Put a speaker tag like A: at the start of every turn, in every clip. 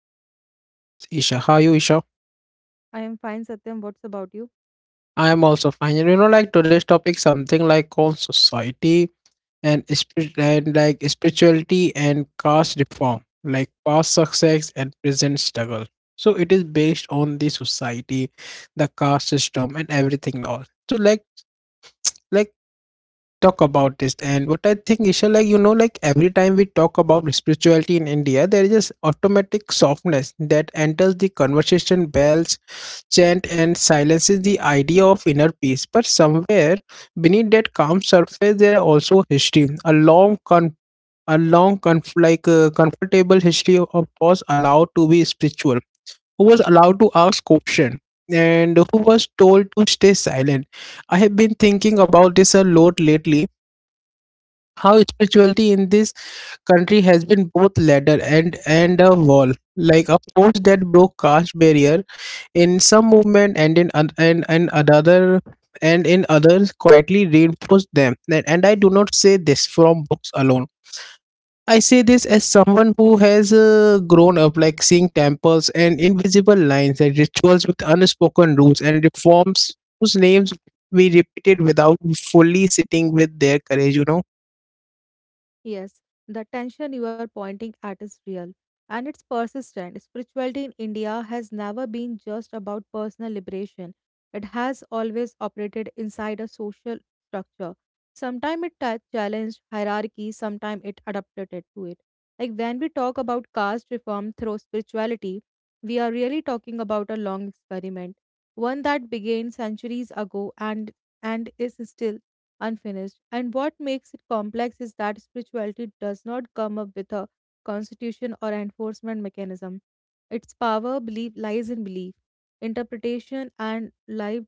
A: is our fabulous co-host Isha. How are you Isha?
B: I am fine, Satyam. What's about you?
A: I am also fine. And you know like today's topic something like on society and like spirituality and caste reform, like past success and present struggle. So it is based on the society, the caste system and everything else. So like talk about this. And what I think is like you know like every time we talk about spirituality in india there is this automatic softness that enters the conversation bells chant and silences the idea of inner peace, but somewhere beneath that calm surface there are also history, a long con a long conf- like comfortable history of who was allowed to be spiritual, who was allowed to ask question, and who was told to stay silent. I have been thinking about this a lot lately, how spirituality in this country has been both ladder and a wall, like a force that broke caste barrier in some movement, and in oth- and another, and in others quietly reinforced them. And I do not say this from books alone, I say this as someone who has grown up like seeing temples and invisible lines and rituals with unspoken rules and reforms whose names we repeated without fully sitting with their courage, you know.
B: Yes, the tension you are pointing at is real and it's persistent. Spirituality in India has never been just about personal liberation, it has always operated inside a social structure. Sometimes it challenged hierarchy, sometimes it adapted it to it. Like when we talk about caste reform through spirituality, we are really talking about a long experiment, one that began centuries ago and is still unfinished. And what makes it complex is that spirituality does not come up with a constitution or enforcement mechanism. Its power belief lies in belief, interpretation, and lived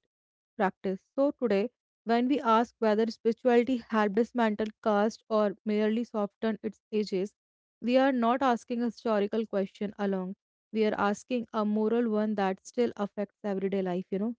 B: practice. So today, when we ask whether spirituality had dismantled caste or merely softened its edges, we are not asking a historical question alone. We are asking a moral one that still affects everyday life, you know.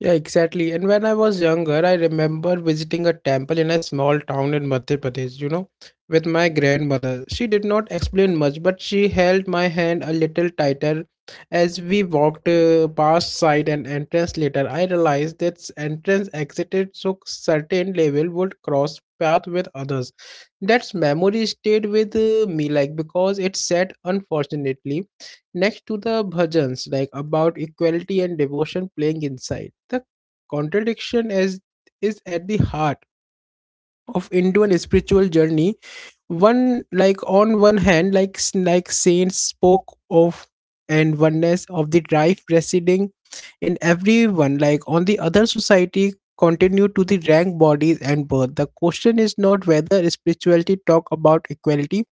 A: Yeah, exactly. And when I was younger, I remember visiting a temple in a small town in Madhya Pradesh, you know, with my grandmother. She did not explain much, but she held my hand a little tighter as we walked past side and entrance. Later, I realized that entrance exited so certain level would cross path with others. That's memory stayed with me, like because it said unfortunately. Next to the bhajans, like about equality and devotion playing inside, the contradiction is at the heart of Indian spiritual journey. One like on one hand, like saints spoke of and oneness of the drive residing in everyone. Like on the other, society continued to the rank bodies and birth. The question is not whether spirituality talk about equality,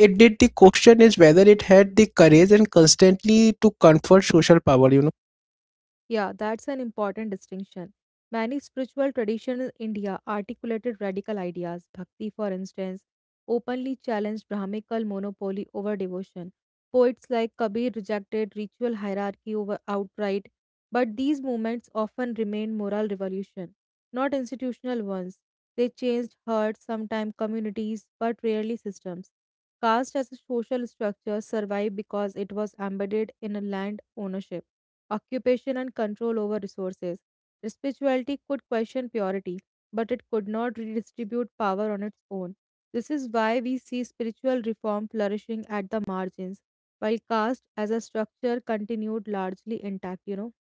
A: it did. The question is whether it had the courage and constantly to confront social power, you know.
B: Yeah, that's an important distinction. Many spiritual traditions in India articulated radical ideas. Bhakti, for instance, openly challenged Brahmical monopoly over devotion. Poets like Kabir rejected ritual hierarchy over outright, but these movements often remained moral revolution, not institutional ones. They changed hearts, sometimes communities, but rarely systems. Caste as a social structure survived because it was embedded in a land ownership occupation, and control over resources. Spirituality could question purity, but it could not redistribute power on its own. This is why we see spiritual reform flourishing at the margins, while caste as a structure continued largely intact, you know.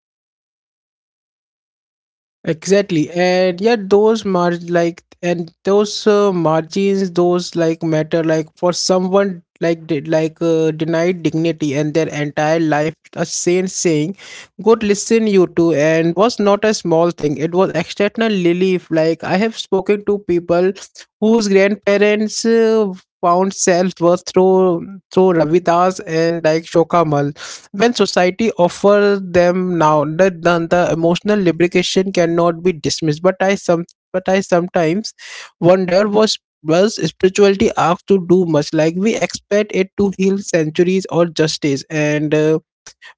A: Exactly, and yet those margins, those like matter, like for someone like did like denied dignity and their entire life. A saint saying, "Good, listen, you two," and was not a small thing. It was external relief. Like I have spoken to people whose grandparents found self worth through Ravidas and like Shokamal when society offers them. Now the, the emotional lubrication cannot be dismissed, but I sometimes wonder, was spirituality asked to do much, like we expect it to heal centuries or justice, and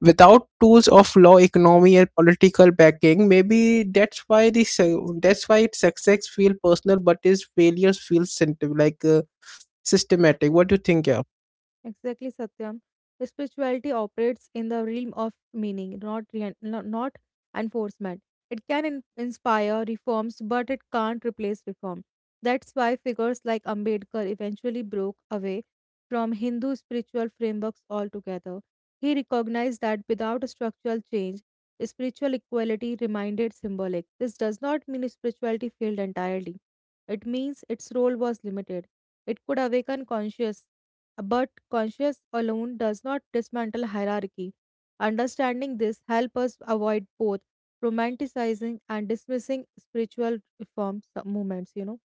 A: without tools of law economy and political backing. Maybe that's why its success feel personal but its failures feel symptom, systematic. What do you think, yeah?
B: Exactly, Satyam. Spirituality operates in the realm of meaning, not not enforcement. It can inspire reforms, but it can't replace reform. That's why figures like Ambedkar eventually broke away from Hindu spiritual frameworks altogether. He recognized that without a structural change, spiritual equality remained symbolic. This does not mean spirituality failed entirely. It means its role was limited. It could awaken conscience but conscience alone does not dismantle hierarchy. Understanding this helps us avoid both romanticizing and dismissing spiritual reform movements, you know.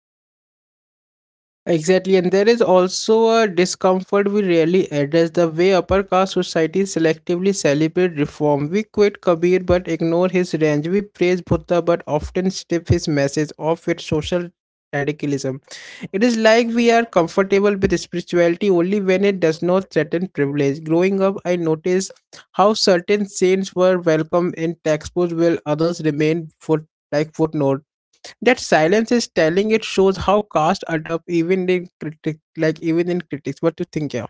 A: Exactly, and there is also a discomfort we rarely address, the way upper caste society selectively celebrate reform. We quote Kabir but ignore his range. We praise Buddha but often strip his message of its social radicalism. It is like we are comfortable with spirituality only when it does not threaten privilege. Growing up, I noticed how certain saints were welcomed in textbooks while others remained footnotes. That silence is telling, it shows how caste adapt even in critics, even in critics. What do you think, yeah?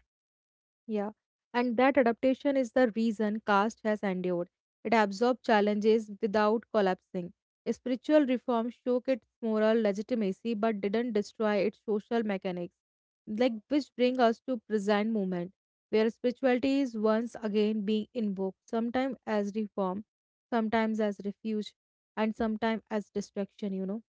B: Yeah, and that adaptation is the reason caste has endured. It absorbed challenges without collapsing. Spiritual reform shook its moral legitimacy but didn't destroy its social mechanics. Like which bring us to present movement, where spirituality is once again being invoked, sometimes as reform, sometimes as refuge, and sometimes as distraction, you know.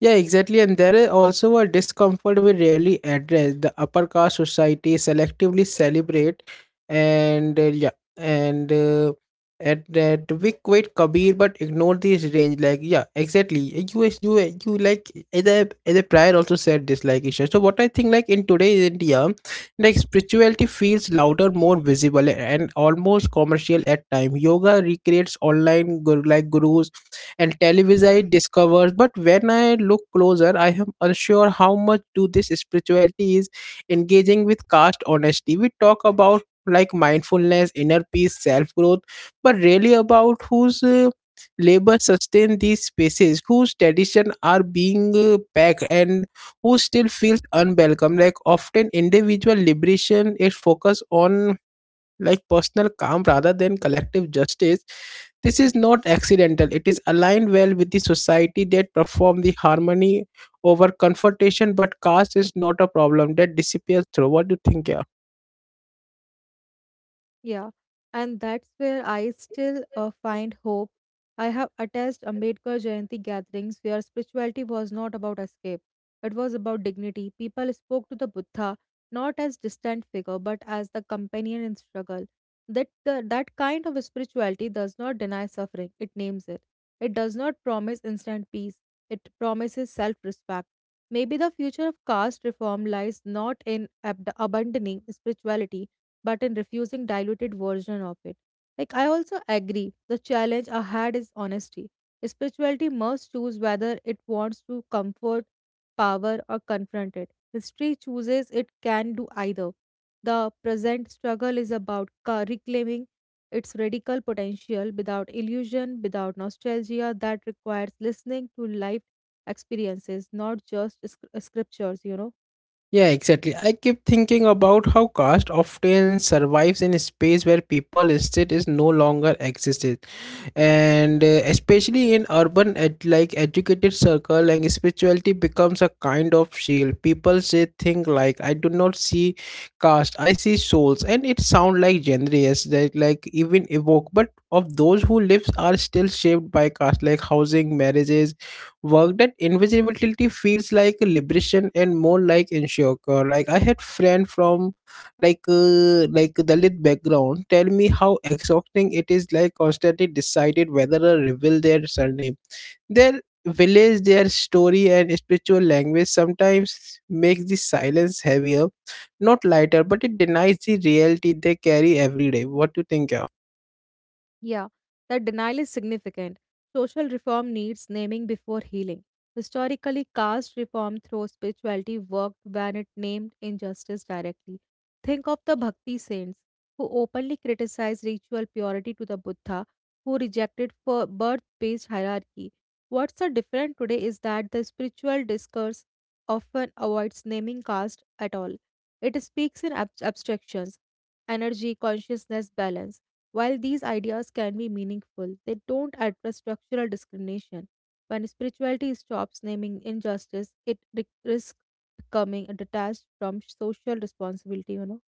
A: Yeah, exactly. And there is also a discomfort we rarely address. The upper caste society selectively celebrate, and yeah, and at that we quit Kabir but ignore these range. Like yeah, exactly. You is- you like the prior also said this like issue. So what I think like in today's India, like spirituality feels louder, more visible, and almost commercial at time. Yoga recreates online gurus and televisite discovers. But when I look closer, I am unsure how much do this spirituality is engaging with caste honesty. We talk about like mindfulness, inner peace, self growth, but really about whose labor sustain these spaces, whose tradition are being packed, and who still feels unwelcome. Like often, individual liberation is focused on like personal calm rather than collective justice. This is not accidental. It is aligned well with the society that perform the harmony over confrontation, but caste is not a problem that disappears through. What do you think, yeah?
B: Yeah, and that's where I still find hope. I have attached Ambedkar Jayanti gatherings where spirituality was not about escape, it was about dignity. People spoke to the Buddha not as distant figure but as the companion in struggle. That kind of spirituality does not deny suffering; it names it. It does not promise instant peace; it promises self-respect. Maybe the future of caste reform lies not in abandoning spirituality but in refusing diluted version of it. Like I also agree, the challenge I had is honesty. Spirituality must choose whether it wants to comfort, power, or confront it. History chooses it can do either. The present struggle is about reclaiming its radical potential without illusion, without nostalgia, that requires listening to life experiences, not just scriptures, you know.
A: Yeah, exactly. I keep thinking about how caste often survives in a space where people state is no longer existed, and especially in urban educated circle, like spirituality becomes a kind of shield. People say things like, "I do not see caste, I see souls," and it sounds like generous that like even evoke, but of those who lives are still shaped by caste, like housing, marriages, work, that invisibility feels like a liberation and more like ensure. Like I had friend from dalit background tell me how exhausting it is, like constantly decided whether to reveal their surname, their village, their story. And spiritual language sometimes makes the silence heavier, not lighter, but it denies the reality they carry every day. What do you think, yeah?
B: Yeah, that denial is significant. Social reform needs naming before healing. Historically, caste reform through spirituality worked when it named injustice directly. Think of the Bhakti saints who openly criticized ritual purity to the Buddha, who rejected birth based hierarchy. What's so different today is that the spiritual discourse often avoids naming caste at all. It speaks in abstractions energy, consciousness, balance while these ideas can be meaningful, they don't address structural discrimination. When spirituality stops naming injustice, it risks becoming detached from social responsibility, you know.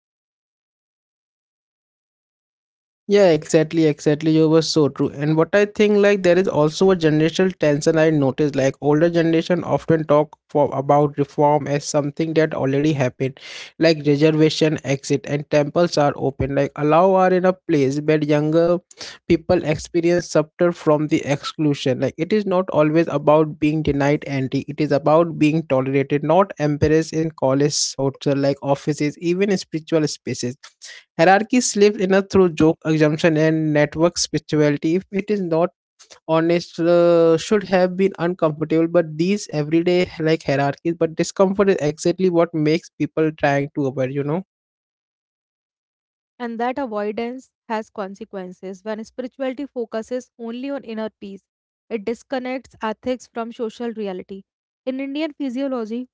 A: Yeah, exactly. You were so true. And what I think, like, there is also a generational tension I noticed. Like, older generation often talk for about reform as something that already happened, like reservation, exit, and temples are open. Like, allow are in a place, but younger people experience subter from the exclusion. Like, it is not always about being denied entry. It is about being tolerated, not embarrassed in college, hotel, like offices, even spiritual spaces. Hierarchy slipped in a through joke assumption and network spirituality. If it is not honest, should have been uncomfortable. But these everyday like hierarchies, but discomfort is exactly what makes people trying to avoid. You know.
B: And that avoidance has consequences. When spirituality focuses only on inner peace, it disconnects ethics from social reality. In Indian physiology,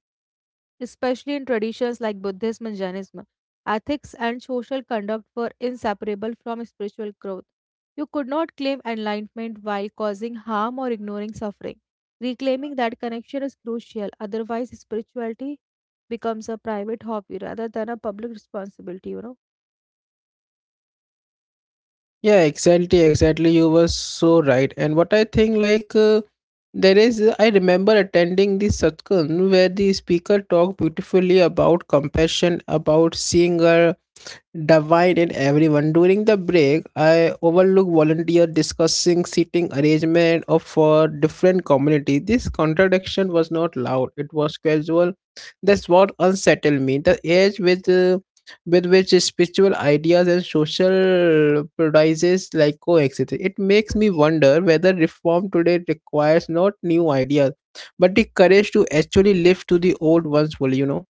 B: especially in traditions like Buddhism and Jainism. Ethics and social conduct were inseparable from spiritual growth. You could not claim enlightenment while causing harm or ignoring suffering. Reclaiming that connection is crucial, otherwise, spirituality becomes a private hobby rather than a public responsibility, you know.
A: Yeah, exactly. You were so right. And what I think, like, there is, I remember attending the Satkan where the speaker talked beautifully about compassion, about seeing a divided everyone. During the break I overlooked volunteer discussing seating arrangement of for different community. This contradiction was not loud, it was casual. That's what unsettled me, the age with which spiritual ideas and social practices like coexist. It makes me wonder whether reform today requires not new ideas but the courage to actually live to the old ones fully, you know.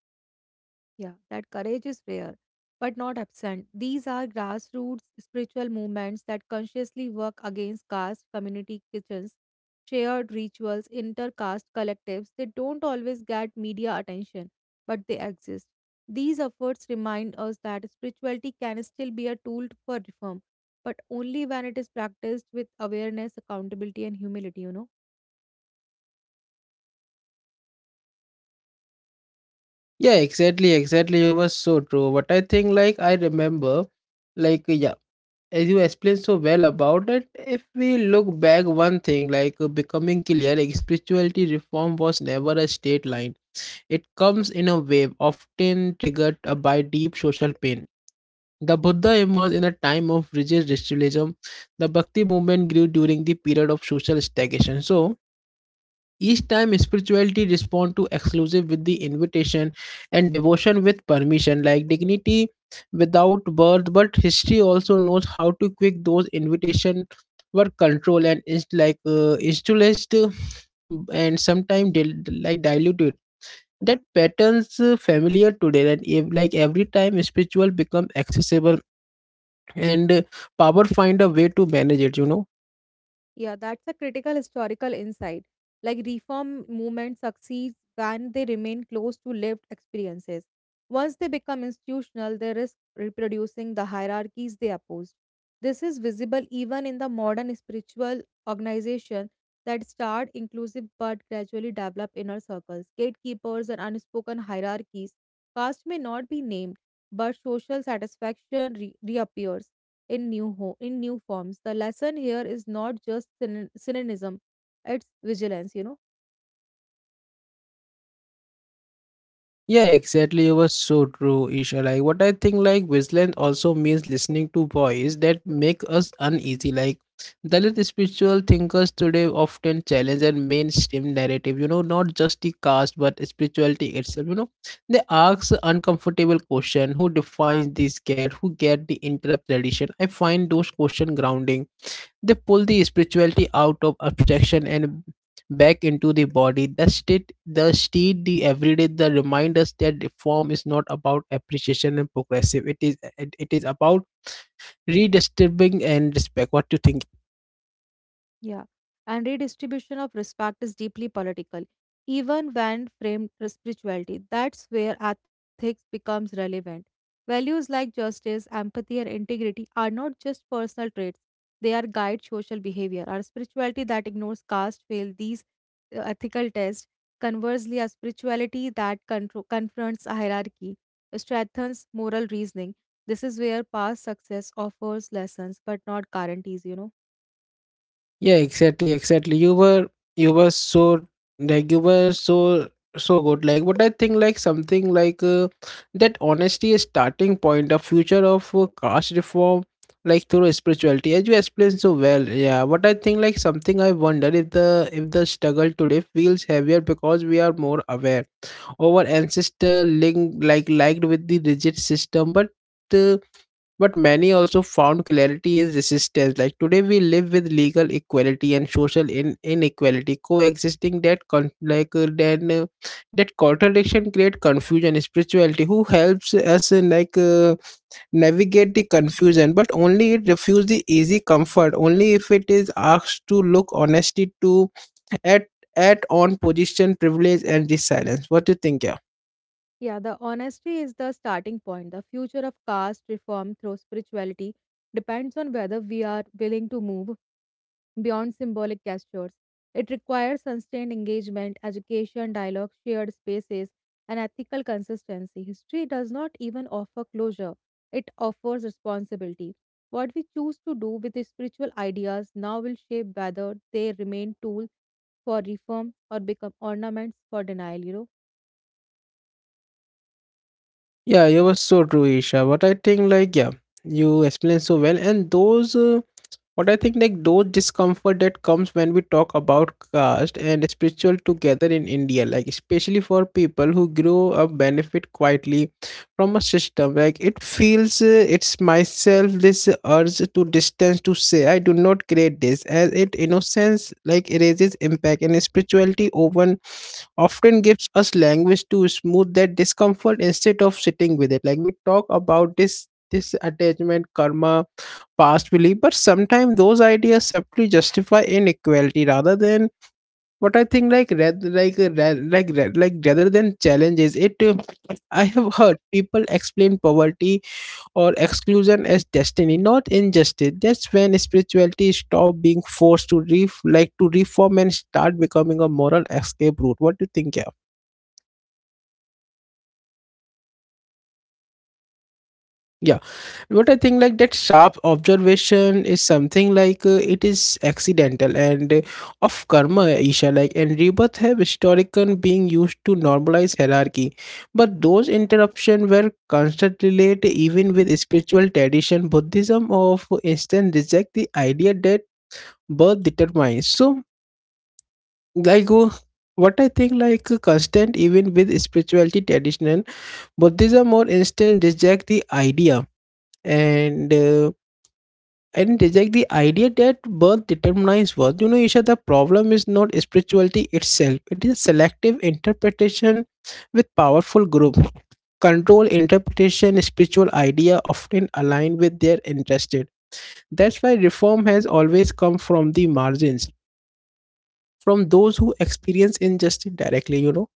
B: Yeah, that courage is rare, but not absent. These are grassroots spiritual movements that consciously work against caste, community kitchens, shared rituals, intercaste collectives. They don't always get media attention, but they exist. These efforts remind us that spirituality can still be a tool for reform, but only when it is practiced with awareness, accountability, and humility, you know.
A: Yeah, exactly. You were so true. But I think, like, I remember, like, yeah, as you explained so well about it, if we look back, one thing, like, becoming clear, like, spirituality reform was never a straight line. It comes in a wave, often triggered by deep social pain. The Buddha emerged in a time of rigid restrictionism. The Bhakti movement grew during the period of social stagnation. So, each time spirituality respond to exclusive with the invitation and devotion with permission, like dignity without birth. But history also knows how to quick those invitation were control and is installed and sometimes diluted. That patterns familiar today, and every time spiritual become accessible and power find a way to manage it, you know.
B: Yeah, that's a critical historical insight. Like reform movement succeeds when they remain close to lived experiences. Once they become institutional, they risk reproducing the hierarchies they opposed. This is visible even in the modern spiritual organization that start inclusive but gradually develop inner circles, gatekeepers, and unspoken hierarchies. Caste may not be named, but social satisfaction reappears in new forms. The lesson here is not just cynicism; it's vigilance. You know.
A: Yeah, exactly. You were so true, Isha. Like what I think like Wesleyan also means listening to voice that make us uneasy. Like Dalit spiritual thinkers today often challenge the mainstream narrative, you know, not just the caste but spirituality itself. You know, they ask uncomfortable question, who defines this care, who get the interrupt tradition. I find those question grounding, they pull the spirituality out of abstraction and back into the body. The state, the everyday, the remind us that the form is not about appreciation and progressive. It is about redistributing and respect. What do you think?
B: Yeah, and redistribution of respect is deeply political, even when framed as spirituality. That's where ethics becomes relevant. Values like justice, empathy, and integrity are not just personal traits, they are guide social behavior. Our spirituality that ignores caste fails these ethical tests. Conversely, a spirituality that confronts hierarchy strengthens moral reasoning. This is where past success offers lessons but not guarantees, you know.
A: Yeah, exactly. You were so like you were so so good. Like, but I think like something that honesty is starting point, the future of caste reform, like through spirituality, as you explained so well. Yeah, but I think like something I wonder if the struggle today feels heavier because we are more aware. Our ancestor link like liked with the rigid system, uh, but many also found clarity in resistance. Like today we live with legal equality and social inequality coexisting, that con- like then that contradiction create confusion. Spirituality who helps us navigate the confusion, but only it refuse the easy comfort, only if it is asked to look honesty to at at on position privilege and resilience. What do you think, yeah?
B: Yeah, the honesty is the starting point. The future of caste reform through spirituality depends on whether we are willing to move beyond symbolic gestures. It requires sustained engagement, education, dialogue, shared spaces, and ethical consistency. History does not even offer closure, it offers responsibility. What we choose to do with the spiritual ideas now will shape whether they remain tools for reform or become ornaments for denial, you know.
A: Yeah, you were so true, Isha. But I think, yeah, you explained so well. And what I think, those discomfort that comes when we talk about caste and spiritual together in India, like, especially for people who grow up benefit quietly from a system, like, it feels, it's myself this urge to distance to say, I do not create this, as it innocence, like, erases impact and spirituality often gives us language to smooth that discomfort instead of sitting with it. Like we talk about this attachment karma past belief, but sometimes those ideas simply justify inequality rather than what I think like red like ra- like ra- like rather than challenges it. I have heard people explain poverty or exclusion as destiny, not injustice. That's when spirituality stop being forced to reform and start becoming a moral escape route. What do you think? Yeah, what I think like that sharp observation is something like it is accidental and of karma, Isha. Like and rebirth have historically being used to normalize hierarchy, but those interruptions were constantly late even with spiritual tradition. Buddhism, of for instance, reject the idea that birth determines. So like. uh, What I think like constant even with spirituality tradition, Buddhism or instance reject the idea and I didn't reject the idea that birth determines worth. You know, Isha, the problem is not spirituality itself. It is a selective interpretation with powerful group. Control interpretation, spiritual idea often align with their interested. That's why reform has always come from the margins, from those who experience injustice directly, you know.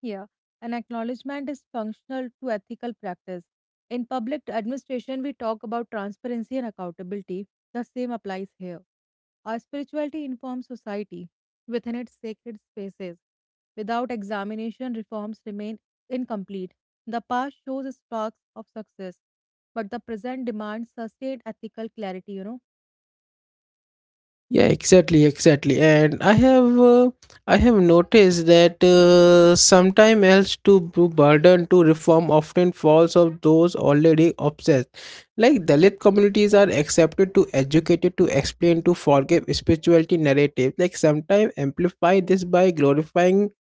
B: Here, an acknowledgement is functional to ethical practice. In public administration, we talk about transparency and accountability. The same applies here. Our spirituality informs society within its sacred spaces. Without examination, reforms remain incomplete. The past shows sparks of success, but the present demands sustained ethical clarity, you know.
A: Yeah, exactly, exactly. And I have noticed that sometime else to burden to reform often falls of those already obsessed. Like Dalit communities are accepted to educated to explain to forgive spirituality narrative. Like sometimes amplify this by glorifying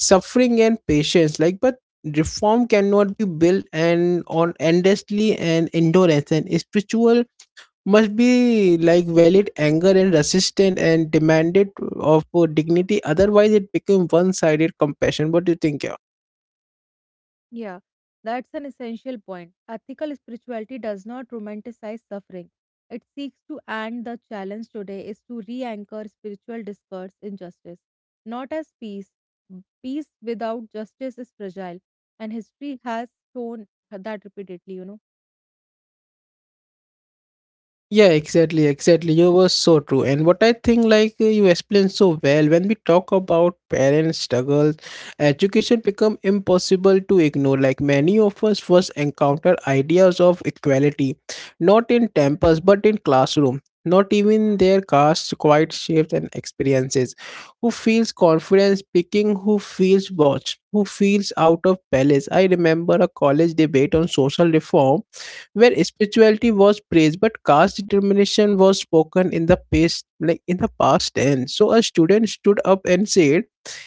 A: suffering and patience. Like but reform cannot be built and on endlessly and endurance and spiritual must be like valid anger and resistant and demanded of dignity. Otherwise it become one-sided compassion. What do you think?
B: Yeah, that's an essential point. Ethical spirituality does not romanticize suffering. It seeks to end the challenge today is to re anchor spiritual discourse in justice, not as peace. Peace without justice is fragile, and history has shown that repeatedly, you know.
A: Yeah, exactly, exactly. You were so true. And what I think, like you explained so well, when we talk about parents' struggles, education become impossible to ignore. Like many of us first encounter ideas of equality, not in temples but in classroom. Not even their caste quite shapes and experiences. Who feels confidence speaking? Who feels watched? Who feels out of balance? I remember a college debate on social reform where spirituality was praised, but caste determination was spoken in the past, like in the past tense. So a student stood up and said,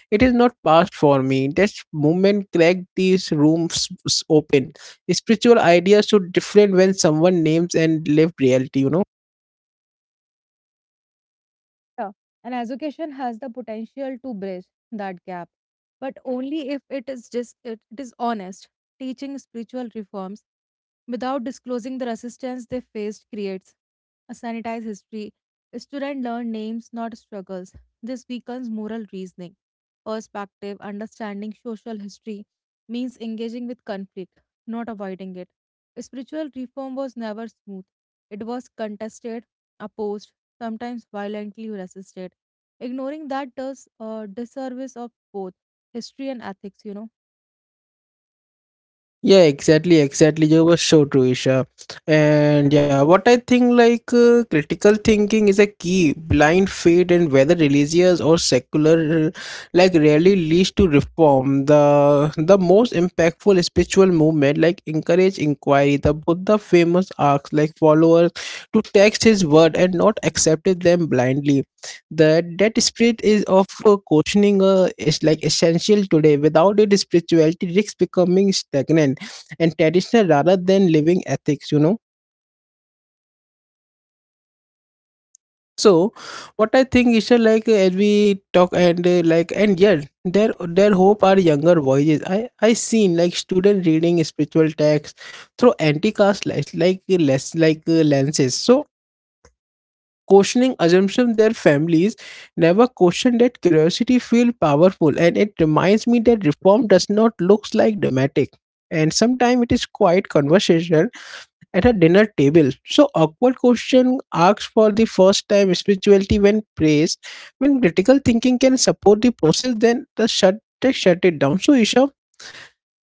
A: it is not past for me. That movement cracked these rooms open. Spiritual ideas should different when someone names and lived reality, you know.
B: Yeah, and education has the potential to bridge that gap, but only if it is honest. Teaching spiritual reforms without disclosing the resistance they faced creates a sanitized history. Students learn names, not struggles. This weakens moral reasoning. Perspective, understanding social history means engaging with conflict, not avoiding it. Spiritual reform was never smooth. It was contested, opposed, sometimes violently resisted. Ignoring that does a disservice of both history and ethics, you know.
A: Yeah, exactly, exactly. You were so true, Isha. And yeah, what I think like critical thinking is a key. Blind faith and whether religious or secular, like rarely leads to reform. The most impactful spiritual movement like encourage inquiry. The Buddha famous asks like followers to text his word and not accepted them blindly. That spirit is of questioning is like essential today. Without it, spirituality risks becoming stagnant and traditional rather than living ethics, you know. So what I think is as we talk, and yeah, their hope are younger voices. I seen like student reading spiritual texts through anti-caste like less like lenses, so questioning assumption their families never question. That curiosity feel powerful, and it reminds me that reform does not looks like dramatic, and sometimes it is quite conversation at a dinner table. So awkward question asks for the first time spirituality when praised, when critical thinking can support the process, then they shut it down. So Isha,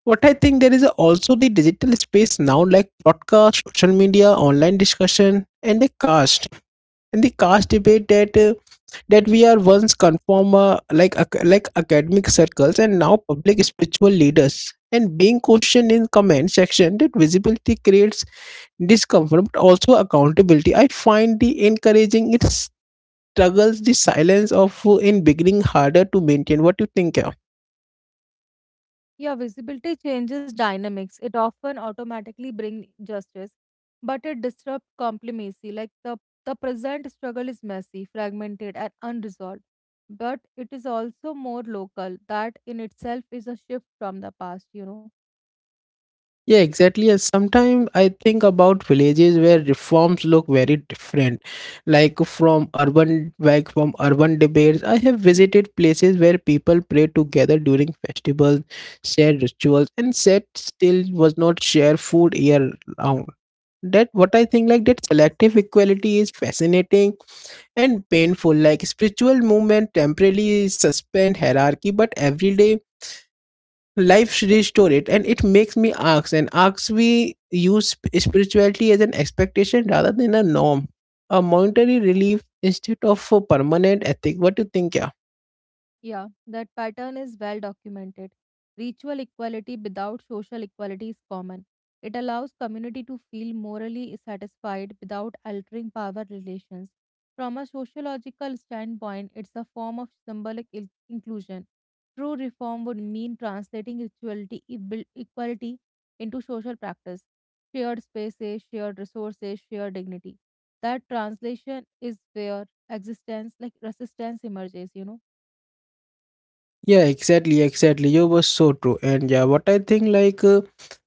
A: what I think there is also the digital space now, like podcast, social media, online discussion, and the caste debate that we are once conform academic circles and now public spiritual leaders and being questioned in comment section. That visibility creates discomfort but also accountability. I find the encouraging it struggles the silence of in beginning harder to maintain. What do you think? Yeah,
B: Yeah, visibility changes dynamics. It often automatically brings justice, but it disrupts complacency. Like the present struggle is messy, fragmented, and unresolved. But it is also more local. That in itself is a shift from the past, you know.
A: yeah, exactly. And sometimes I think about villages where reforms look very different, like from urban debates. I have visited places where people pray together during festivals, share rituals, and said still was not share food year round. That what I think like that selective equality is fascinating and painful. Like spiritual movement temporarily suspend hierarchy, but everyday life restore it, and it makes me ask and asks we use spirituality as an expectation rather than a norm, a momentary relief instead of a permanent ethic. What do you think? Yeah?
B: Yeah, that pattern is well documented. Ritual equality without social equality is common. It allows community to feel morally satisfied without altering power relations. From a sociological standpoint, it's a form of symbolic inclusion. True reform would mean translating rituality equality into social practice, shared spaces, shared resources, shared dignity. That translation is where existence, like resistance, emerges, you know.
A: Yeah, exactly, exactly. You were so true. And yeah, what I think like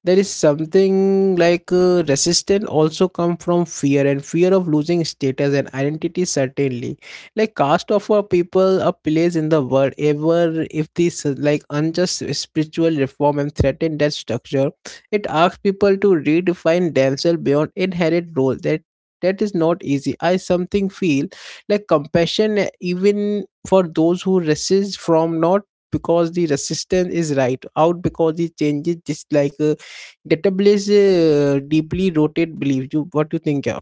A: there is something like resistance also come from fear and fear of losing status and identity certainly. Like cast off a people a place in the world ever if this like unjust spiritual reform and threaten that structure, it asks people to redefine themselves beyond inherent role. That is not easy. I something feel like compassion even for those who resist from, not because the resistance is right out, because the changes just like that place deeply rooted beliefs. You what you think? Yeah,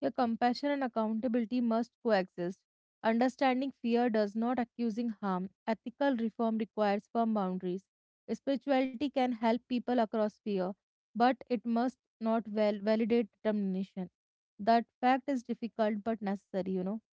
B: Your compassion and accountability must coexist. Understanding fear does not accusing harm. Ethical reform requires firm boundaries. Spirituality can help people across fear, but it must not validate determination. That fact is difficult but necessary, you know.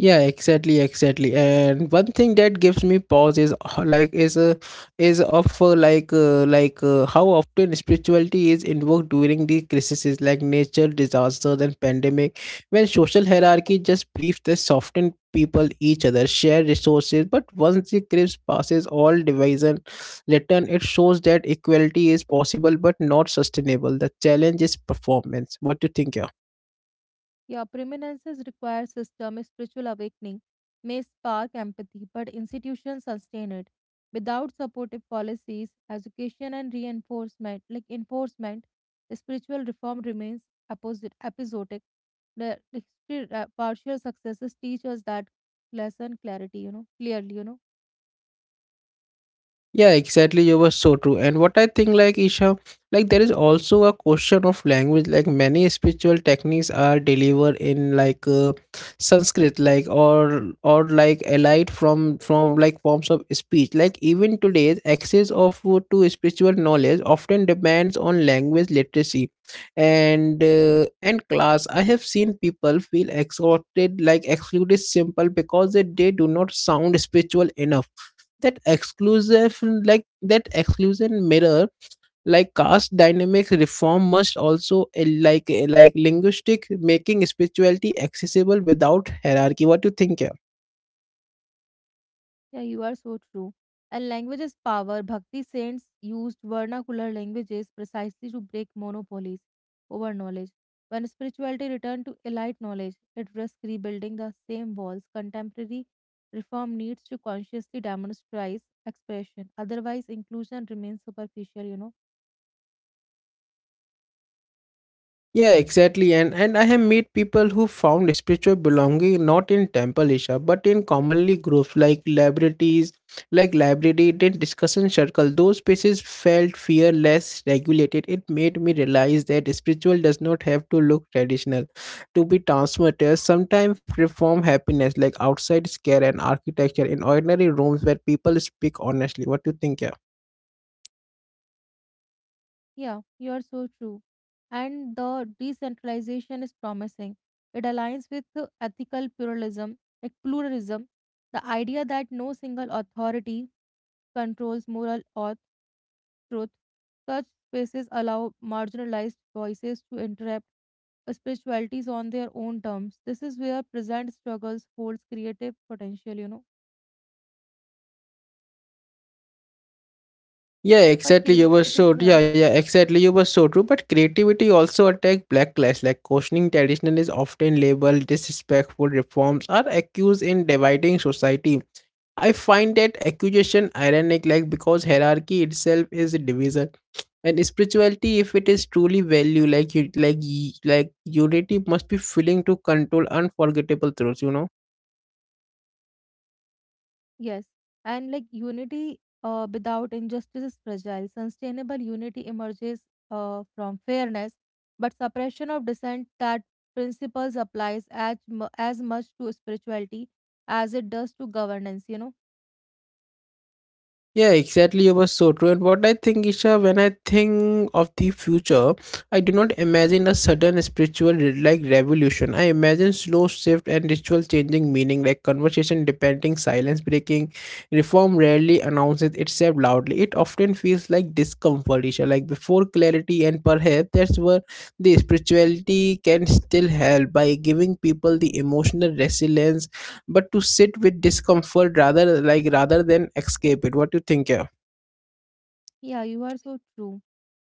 A: yeah, exactly, exactly. And one thing that gives me pause is h- like is of like how often spirituality is invoked during the crises, like nature disasters and pandemic, when social hierarchy just briefs the soften people each other share resources. But once the crisis passes, all division return. It shows that equality is possible but not sustainable. The challenge is performance. What do you think?
B: Yeah, permanences require system spiritual awakening may spark empathy, but institutions sustain it. Without supportive policies, education and reinforcement, like enforcement, spiritual reform remains episodic. The history, partial successes teach us that lesson clarity, you know, clearly, you know.
A: Yeah, exactly. You were so true. And what I think, like Isha, like there is also a question of language. Like many spiritual techniques are delivered in Sanskrit, or like allied from like forms of speech. Like even today's access of to spiritual knowledge often depends on language literacy, and class. I have seen people feel exhausted, like excluded, simple because they do not sound spiritual enough. That exclusive like that exclusion mirror like caste dynamics. Reform must also like linguistic, making spirituality accessible without hierarchy. What do you think here?
B: Yeah, you are so true. And language is power. Bhakti saints used vernacular languages precisely to break monopolies over knowledge. When spirituality returned to elite knowledge, it risks rebuilding the same walls. Contemporary reform needs to consciously democratize expression. Otherwise, inclusion remains superficial, you know.
A: Yeah, exactly. And I have met people who found spiritual belonging not in temple, Isha, but in commonly groups like libraries, like library and discussion circle. Those spaces felt fear less regulated. It made me realize that spiritual does not have to look traditional to be transformative. Sometimes reform happiness like outside scare and architecture in ordinary rooms where people speak honestly. What do you think? Yeah?
B: Yeah, you are so true. And the decentralization is promising. It aligns with the ethical pluralism, like pluralism, the idea that no single authority controls moral or truth. Such spaces allow marginalized voices to interrupt spiritualities on their own terms. This is where present struggles holds creative potential, you know.
A: Yeah,
B: But
A: exactly. You were
B: creativity,
A: so
B: yeah.
A: yeah, yeah, exactly. You were so true. But creativity also attack blacklash. Like questioning tradition is often labeled disrespectful. Reforms are accused in dividing society. I find that accusation ironic, like because hierarchy itself is a division, and spirituality, if it is truly value, like unity, must be willing to control unforgettable truths. You know.
B: Yes, and like unity without injustice is fragile. Sustainable unity emerges from fairness, but suppression of dissent that principles applies as much to spirituality as it does to governance, you know?
A: Yeah, exactly. You were so true. And what I think, Isha, when I think of the future, I do not imagine a sudden spiritual revolution. I imagine slow shift and ritual changing meaning, like conversation depending, silence breaking. Reform rarely announces itself loudly. It often feels like discomfort, Isha, like before clarity, and perhaps that's where the spirituality can still help by giving people the emotional resilience but to sit with discomfort rather than escape it. What do you think? Yeah?
B: Yeah, you are so true.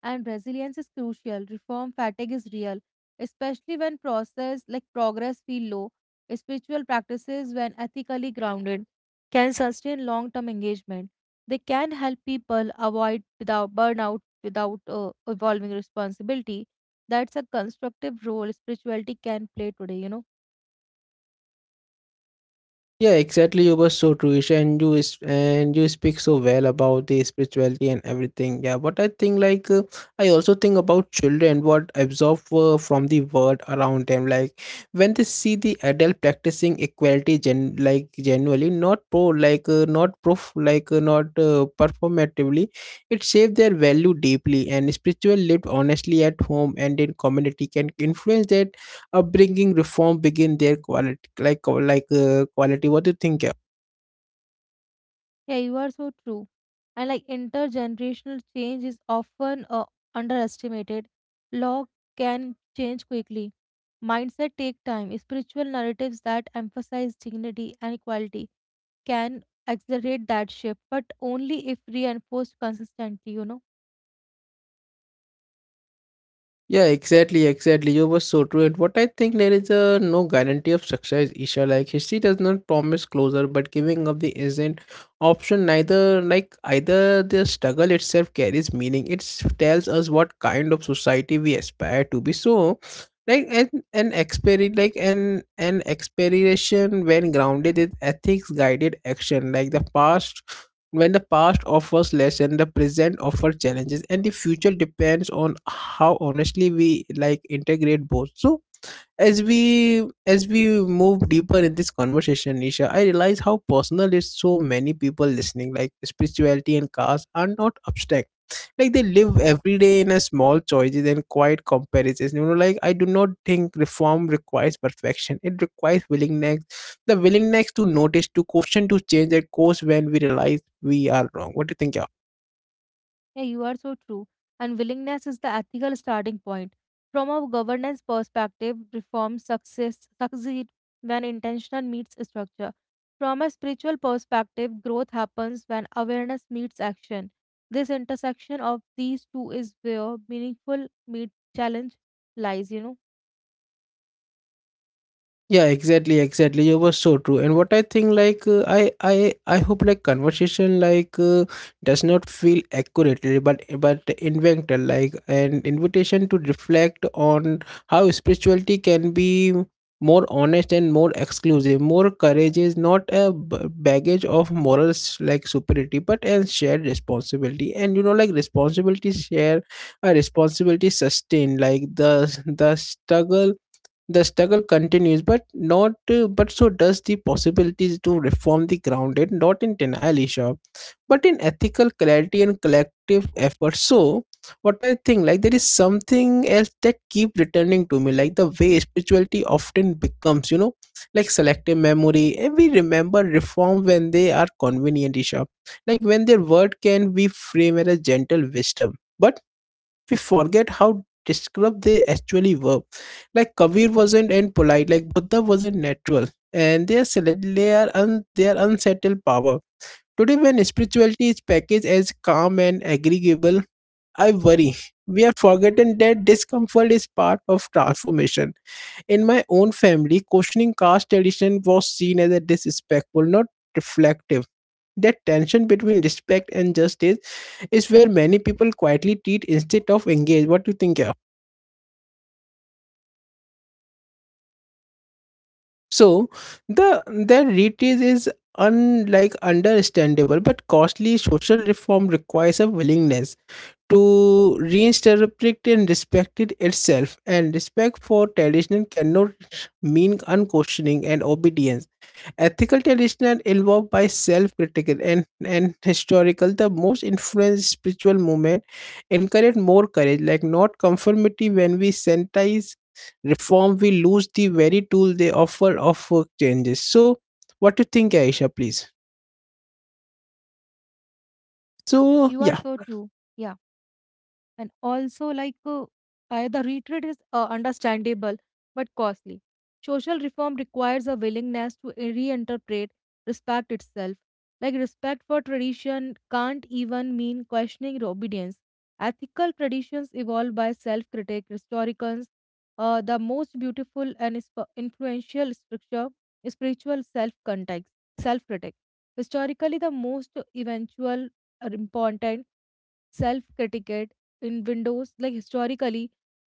B: And resilience is crucial. Reform fatigue is real, especially when process like progress feel low. Spiritual practices, when ethically grounded, can sustain long-term engagement. They can help people avoid without burnout without evolving responsibility. That's a constructive role spirituality can play today. You know.
A: Yeah, exactly. You were so true, Isha, and you is and you speak so well about the spirituality and everything. Yeah, but I think like I also think about children what absorb from the world around them. Like when they see the adult practicing equality, genuinely not pro, like not proof, like not performatively, it shapes their value deeply. And spiritual lived honestly at home and in community can influence their upbringing. Reform begin their quality quality. What do you think? Yeah?
B: Yeah, you are so true. And like intergenerational change is often underestimated. Law can change quickly. Mindset take time. Spiritual narratives that emphasize dignity and equality can accelerate that shift, but only if reinforced consistently, you know.
A: Yeah, exactly, exactly. You were so true. And what I think, there is a no guarantee of success, Isha. Like history does not promise closure, but giving up the isn't option neither like either. The struggle itself carries meaning. It tells us what kind of society we aspire to be. So like an exper like an expiration when grounded in ethics guided action. Like the past, when the past offers lessons, the present offers challenges, and the future depends on how honestly we like integrate both. So as we move deeper in this conversation, Nisha, I realize how personal it's so many people listening, like spirituality and cars are not abstract, like they live every day in a small choices and quiet comparisons, you know. Like I do not think reform requires perfection, it requires willingness, the willingness to notice, to question, to change a course when we realize we are wrong. What do you think? Yeah.
B: Yeah, you are so true. And willingness is the ethical starting point. From a governance perspective, reform success succeed when intention meets structure. From a spiritual perspective, growth happens when awareness meets action. This intersection of these two is where meaningful meet challenge lies, you know.
A: Yeah, exactly, exactly. You were so true. And what I think, like, I hope, like, conversation, like, does not feel accurately, but invented, like, an invitation to reflect on how spirituality can be more honest and more exclusive. More courage is not a baggage of morals, like, superiority, but a shared responsibility. And you know, like, responsibility share, a responsibility sustained, like, the struggle the struggle continues, but not but so does the possibilities to reform the grounded, not in denial, Isha, but in ethical clarity and collective effort. So, what I think, like there is something else that keep returning to me, like the way spirituality often becomes, you know, like selective memory, and we remember reform when they are convenient, Isha, like when their word can be framed as a gentle wisdom. But we forget how descriptive they actually were. Like Kabir wasn't and polite, like Buddha wasn't natural, and they are they are unsettled power. Today, when spirituality is packaged as calm and agreeable, I worry we have forgotten that discomfort is part of transformation. In my own family, questioning caste tradition was seen as a disrespectful, not reflective. That tension between respect and justice is where many people quietly treat instead of engage. What do you think? Yeah. So the retreat is unlike understandable but costly. Social reform requires a willingness to reinterpret and respect it itself, and respect for tradition cannot mean unquestioning and obedience. Ethical tradition evolved by self-critical and historical. The most influenced spiritual movement encourage more courage, like not conformity. When we sanitize reform, we lose the very tool they offer of changes. So, what do you think, Aisha? Please. So,
B: You are
A: yeah.
B: so true. Yeah. And also, the retreat is understandable but costly. Social reform requires a willingness to reinterpret respect itself, like respect for tradition can't even mean questioning obedience. Ethical traditions evolve by self-critic historians. The most beautiful and influential structure is spiritual self-context self-critic. Historically, the most eventual or important self critique in windows, like historically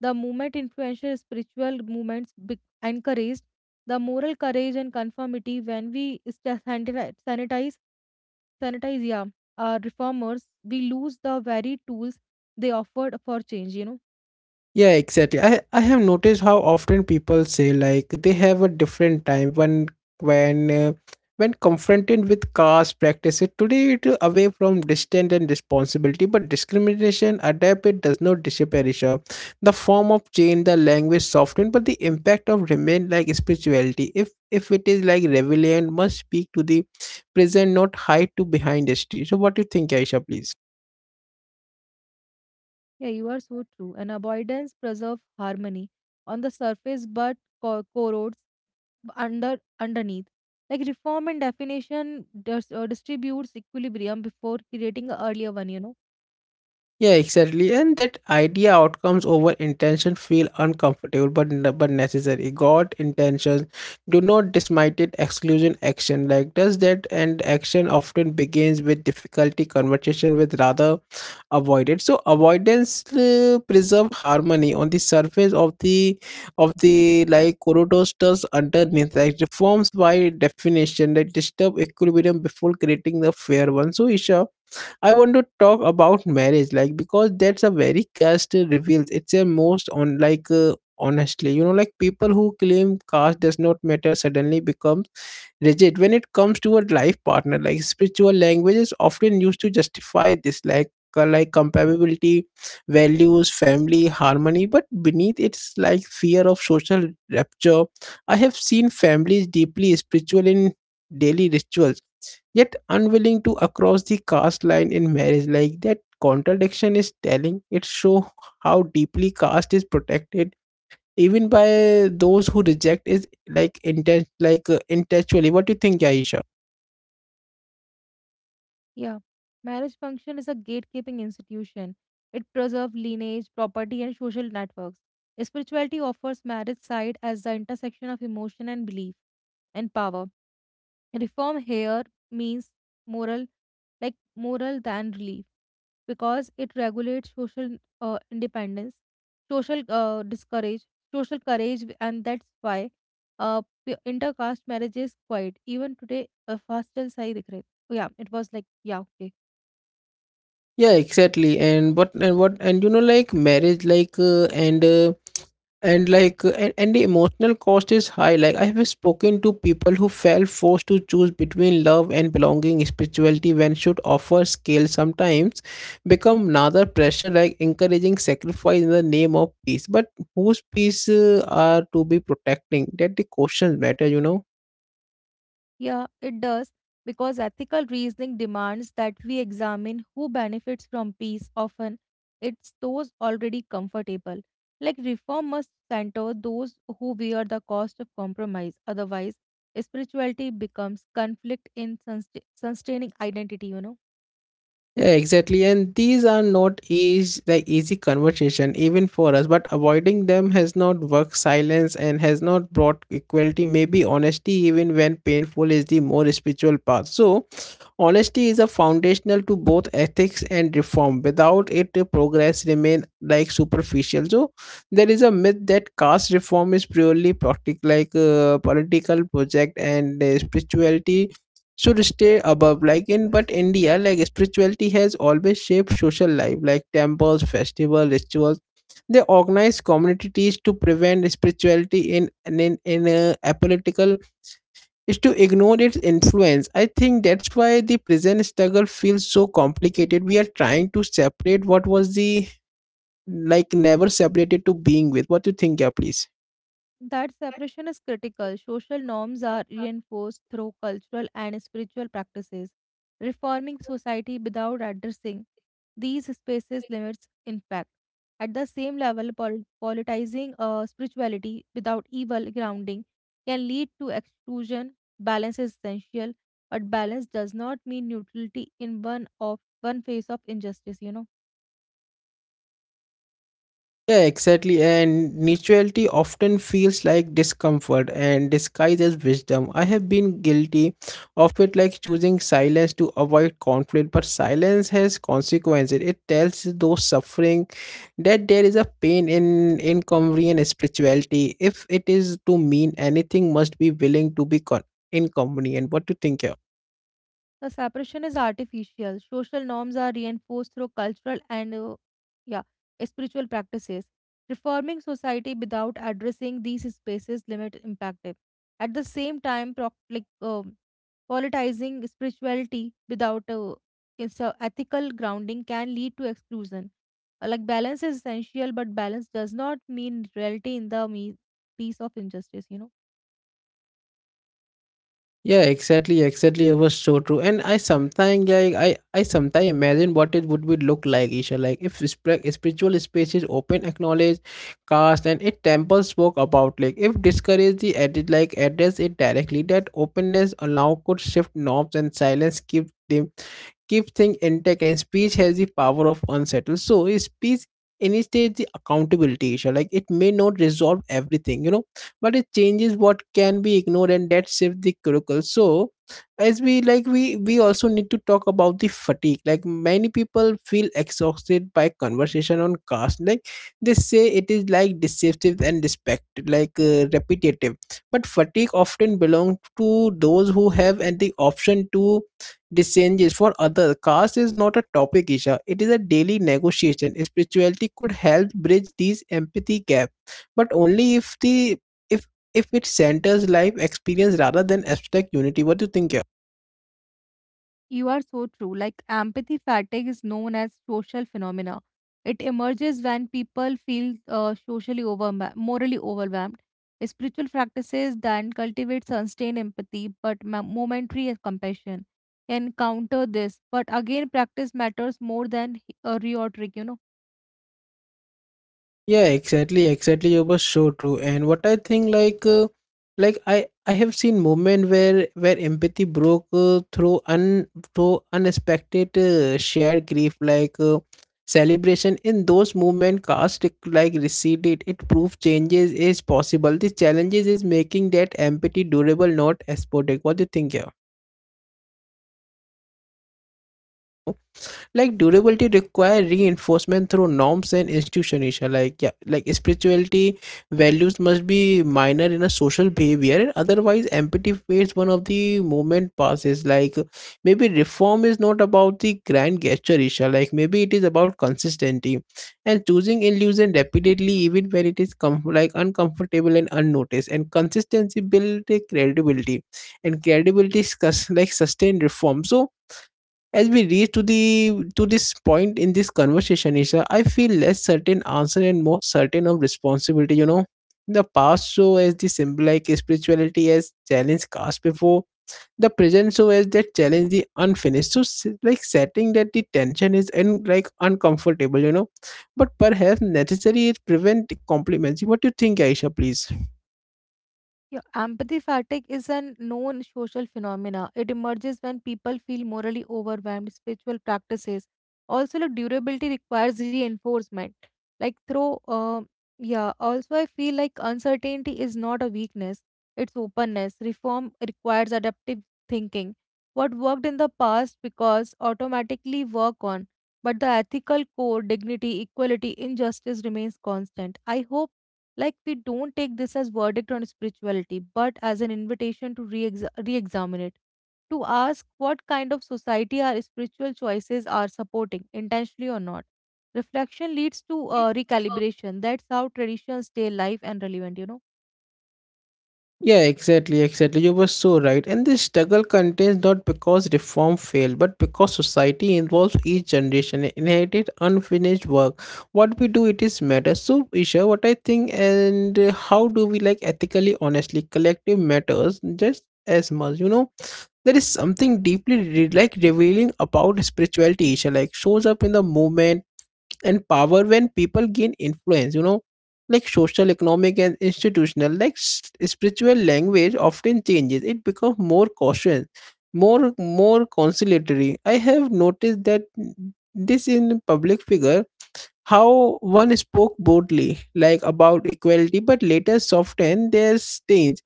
B: the movement influential spiritual movements encouraged the moral courage and conformity. When we sanitize yeah reformers, we lose the very tools they offered for change, you know.
A: Yeah, exactly. I have noticed how often people say like they have a different time when when uh, when confronted with caste practices today, it away from distance and responsibility, but discrimination adapt, it does not disappear, Isha. The form of change, the language softened, but the impact of remain like spirituality. If it is like relevant, must speak to the present, not hide to behind history. So, what do you think, Aisha? Please.
B: Yeah, you are so true. And avoidance preserve harmony on the surface but corrodes underneath. Like reform and definition distributes equilibrium before creating an earlier one. You know,
A: Yeah, exactly. And that idea outcomes over intention feel uncomfortable but but necessary. God intentions do not dismiss it exclusion action. Like does that, and action often begins with difficulty conversation with rather avoided. So avoidance preserve harmony on the surface of the like corridors does underneath, like reforms by definition that disturb equilibrium before creating the fair one. So Isha, I want to talk about marriage, like because that's a very caste reveals. It's a most on like honestly, you know, like people who claim caste does not matter suddenly becomes rigid when it comes to a life partner. Like spiritual language is often used to justify this, like compatibility, values, family, harmony. But beneath it's like fear of social rapture. I have seen families deeply spiritual in daily rituals yet unwilling to across the caste line in marriage, like that contradiction is telling, it show how deeply caste is protected even by those who reject it like intellectually. What do you think, Aisha?
B: yeah. Marriage function is a gatekeeping institution. It preserves lineage, property, and social networks. Spirituality offers marriage side as the intersection of emotion and belief and power. Reform here means moral, like moral than relief, because it regulates social independence, social discourage, social courage, and that's why uh, intercaste marriage is quite even today. A fast side, like, yeah, it was like yeah, okay.
A: Yeah, exactly. And what and you know, like marriage, like and like and the emotional cost is high. Like I have spoken to people who felt forced to choose between love and belonging. Spirituality when should offer scale sometimes become another pressure, like encouraging sacrifice in the name of peace, but whose peace are to be protecting, that the questions matter, you know.
B: Yeah, it does, because ethical reasoning demands that we examine who benefits from peace. Often, it's those already comfortable. Like, reform must center those who bear the cost of compromise. Otherwise, spirituality becomes conflict in sustaining identity, you know.
A: Yeah, exactly. And these are not easy, the easy conversation even for us, but avoiding them has not worked, silence and has not brought equality. Maybe honesty, even when painful, is the more spiritual path. So, honesty is a foundational to both ethics and reform. Without it, the progress remain like superficial. So, there is a myth that caste reform is purely political project and spirituality should stay above, like in but India, like spirituality has always shaped social life, like temples, festival, rituals, they organize communities to prevent spirituality in apolitical is to ignore its influence. I think that's why the present struggle feels so complicated, we are trying to separate what was the like never separated to being with. What do you think? Yeah, please.
B: That separation is critical. Social norms are reinforced through cultural and spiritual practices. Reforming society without addressing these spaces limits impact. At the same level, politicizing spirituality without evil grounding can lead to exclusion. Balance is essential, but balance does not mean neutrality in one of one face of injustice. You know.
A: Yeah, exactly. And mutuality often feels like discomfort and disguised as wisdom. I have been guilty of it, like choosing silence to avoid conflict, but silence has consequences. It tells those suffering that there is a pain in inconvenient spirituality. If it is to mean anything, must be willing to be inconvenient. What do you think here?
B: The separation is artificial. Social norms are reinforced through cultural and yeah, spiritual practices. Reforming society without addressing these spaces limit impactive. At the same time, politicizing spirituality without its, ethical grounding can lead to exclusion. Like balance is essential, but balance does not mean reality in the piece of injustice. You know.
A: Yeah, exactly, exactly. It was so true, and I sometimes like I sometimes imagine what it would be look like, Isha. Like if spiritual spaces open, acknowledge, caste, and it temple spoke about. Like if discourage the edit, like address it directly. That openness allow could shift norms, and silence keep them, keep things intact, and speech has the power of unsettle. So a speech initiates the accountability issue. Like it may not resolve everything, you know, but it changes what can be ignored, and that shifts the curricle. So as we like we also need to talk about the fatigue. Like many people feel exhausted by conversation on caste. Like they say it is like deceptive and respected, like repetitive. But fatigue often belongs to those who have and the option to these changes for others. Caste is not a topic, Isha. It is a daily negotiation. Spirituality could help bridge these empathy gap, but only if the if if it centers life experience rather than abstract unity. What do you think? Yeah?
B: You are so true. Like empathy fatigue is known as social phenomena. It emerges when people feel socially over, morally overwhelmed. Spiritual practices then cultivate sustained empathy but momentary compassion can counter this. But again, practice matters more than rhetoric, you know.
A: Yeah, exactly, exactly. It was so true. And what I think, like, I have seen moment where empathy broke through un through unexpected shared grief, like celebration. In those moment, cast like receded. It proved changes is possible. The challenges is making that empathy durable, not episodic. What do you think? Yeah? Like durability require reinforcement through norms and institutions, like yeah, like spirituality values must be minor in a social behavior, and otherwise empathy fades one of the moment passes. Like maybe reform is not about the grand gesture, Isha, like maybe it is about consistency and choosing illusion repeatedly even when it is uncomfortable and unnoticed, and consistency builds credibility, and credibility is sustained reform. So as we reach to the to this point in this conversation, Isha, I feel less certain answer and more certain of responsibility. You know, the past show as the symbolic spirituality as challenge cast before, the present show as that challenge the unfinished. So setting that the tension is and like uncomfortable. You know, but perhaps necessary is prevent compliments. What do you think, Aisha? Please.
B: Yeah, empathy fatigue is a known social phenomena. It emerges when people feel morally overwhelmed. Spiritual practices also like durability requires reinforcement. Like through, yeah. Also, I feel like uncertainty is not a weakness; it's openness. Reform requires adaptive thinking. What worked in the past because automatically work on, but the ethical core, dignity, equality, injustice remains constant. I hope like, we don't take this as verdict on spirituality, but as an invitation to re examine it, to ask what kind of society our spiritual choices are supporting, intentionally or not. Reflection leads to recalibration. That's how traditions stay alive and relevant, you know.
A: Yeah, exactly, exactly. You were so right. And this struggle continues not because reform failed, but because society involves each generation in inherited unfinished work. What we do, it is matter. So, Isha, what I think, and how do we like ethically, honestly, collective matters just as much. You know, there is something deeply revealing about spirituality, Isha, like shows up in the moment and power when people gain influence, you know, like social, economic and institutional, like spiritual language often changes, it becomes more cautious, more conciliatory. I have noticed that this in public figure, how one spoke boldly like about equality but later softened their stance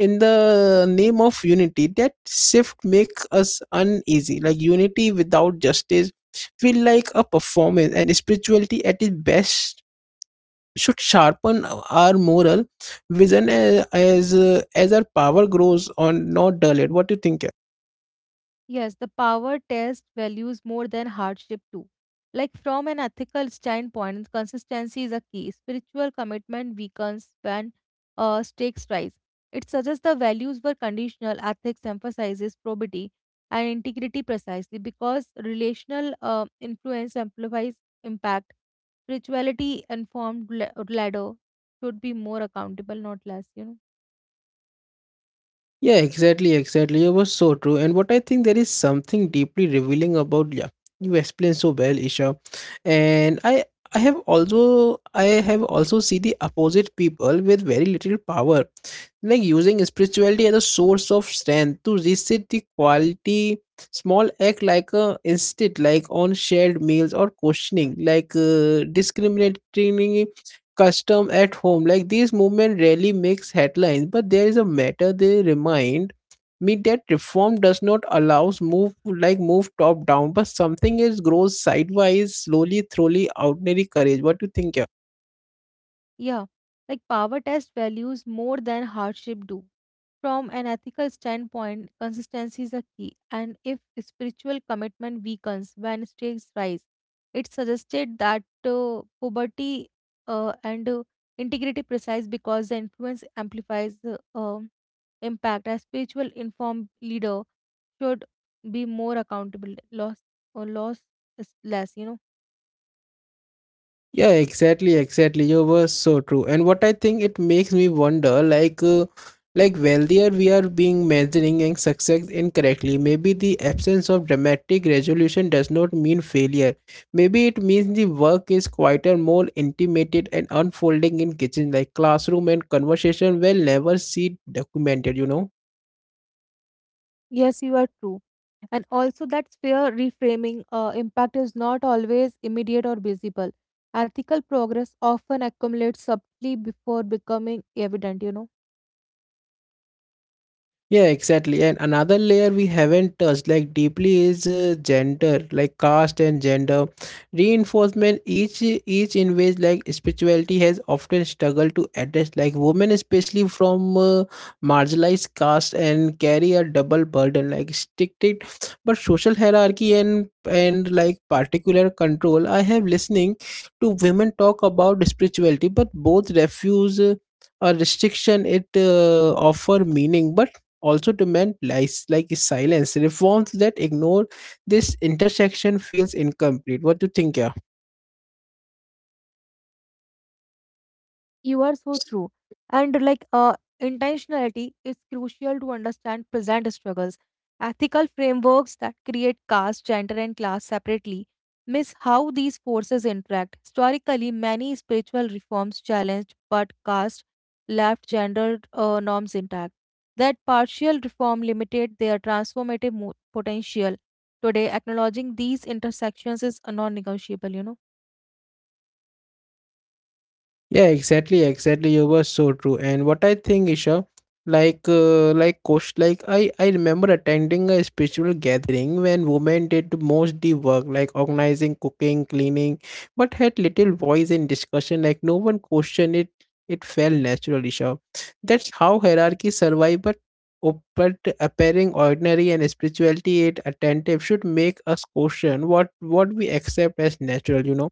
A: in the name of unity. That shift makes us uneasy, like unity without justice feel like a performance, and spirituality at its best should sharpen our moral vision as as our power grows on, not dull it. What do you think? Yeah?
B: Yes, the power test values more than hardship too. Like from an ethical standpoint, consistency is a key. Spiritual commitment weakens when stakes rise. It suggests the values were conditional. Ethics emphasizes probity and integrity precisely because relational influence amplifies impact. Spirituality informed ladder should be more accountable, not less. You know,
A: Yeah, exactly, exactly. It was so true. And what I think there is something deeply revealing about, yeah. You explain so well, Isha. And I have also seen the opposite, people with very little power, like using spirituality as a source of strength to reset the quality. Small act like a instinct, like on shared meals or questioning like discriminating custom at home. Like these movement rarely makes headlines, but there is a matter they remind me that reform does not allows move like move top down, but something is grows sideways, slowly, thoroughly, ordinary courage. What do you think?
B: yeah, like power test values more than hardship do. From an ethical standpoint, consistency is a key, and if spiritual commitment weakens when stakes rise, it's suggested that poverty and integrity precise because the influence amplifies the impact. A spiritual informed leader should be more accountable, loss or loss is less, you know.
A: Yeah, exactly, exactly. You were so true. And what I think it makes me wonder, like wealthier we are being measuring and success incorrectly. Maybe the absence of dramatic resolution does not mean failure. Maybe it means the work is quieter, more intimated, and unfolding in kitchen, like classroom and conversation will never see documented. You know.
B: Yes, you are true. And also, that sphere reframing impact is not always immediate or visible. Ethical progress often accumulates subtly before becoming evident, you know.
A: Yeah, exactly. And another layer we haven't touched like deeply is gender, like caste and gender reinforcement. Each in ways like spirituality has often struggled to address. Like women, especially from marginalized caste, and carry a double burden, like stricted but social hierarchy and like particular control. I have listening to women talk about spirituality, but both refuse. A restriction it offer meaning but also demand lies like silence reforms that ignore this intersection feels incomplete. What do you think? Yeah.
B: You are so true. And like intentionality is crucial to understand present struggles. Ethical frameworks that create caste, gender, and class separately miss how these forces interact. Historically, many spiritual reforms challenged but caste left gender norms intact. That partial reform limited their transformative potential. Today, acknowledging these intersections is non negotiable, you know.
A: Yeah, exactly, exactly. You were so true. And what I think, Isha, I remember attending a spiritual gathering when women did most the work, like organizing, cooking, cleaning, but had little voice in discussion. Like, no one questioned it. It felt natural, Isha. That's how hierarchy survive. But appearing ordinary and spirituality, it attentive, should make us question what we accept as natural. You know.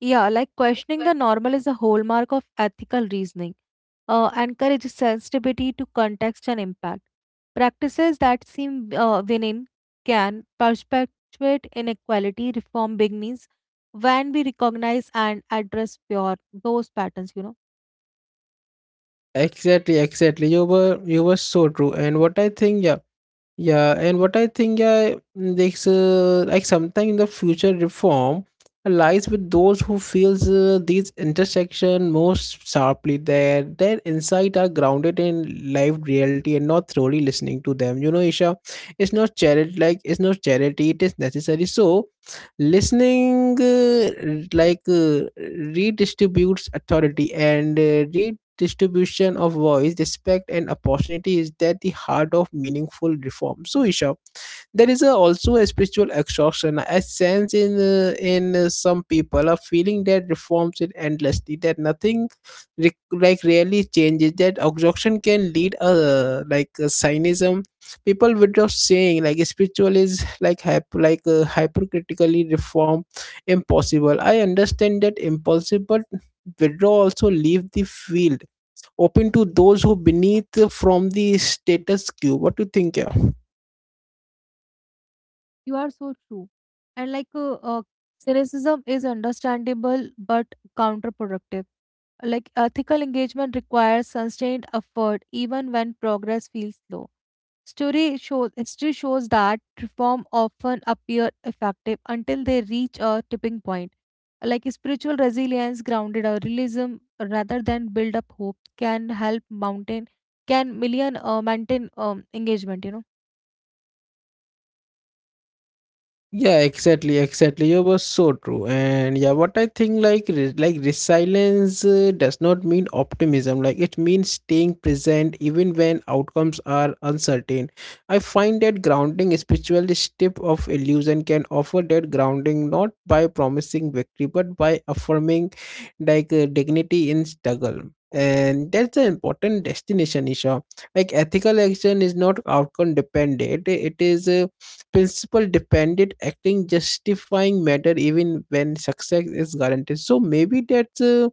B: Yeah, like questioning the normal is a hallmark of ethical reasoning. Encourages sensitivity to context and impact. Practices that seem benign can perpetuate inequality. Reform begins when we recognize and address pure those patterns. You know,
A: Exactly, exactly. You were so true. And what I think, yeah. And what I think, yeah, mm, this like sometimes the future reform lies with those who feels these intersection most sharply. Their insight are grounded in live reality and not thoroughly listening to them. You know, Isha, it's not charity. Like it's not charity. It is necessary. So, listening like uh, redistributes authority and re distribution of voice, respect, and opportunity is that the heart of meaningful reform. So, Isha, there is a, also a spiritual exhaustion. I sense in some people a feeling that reforms it endlessly, that nothing really changes. That exhaustion can lead cynism. People without saying like spiritual is like hypercritically reform impossible. I understand that impulsive, but withdraw also leave the field open to those who beneath from the status quo. What do you think? Yeah.
B: you are so true. And like cynicism is understandable but counterproductive. Like ethical engagement requires sustained effort even when progress feels slow. Story shows History shows that reform often appear effective until they reach a tipping point. Like spiritual resilience, grounded or realism, rather than build up hope, can help mountain can million maintain engagement. You know,
A: Yeah, exactly, exactly. You were so true. And yeah, what I think like resilience does not mean optimism. Like it means staying present even when outcomes are uncertain. I find that grounding spiritual step of illusion can offer that grounding not by promising victory but by affirming dignity in struggle. And that's an important destination, Isha. Like ethical action is not outcome dependent. It is. Principle dependent acting justifying matter even when success is guaranteed. So maybe that's uh,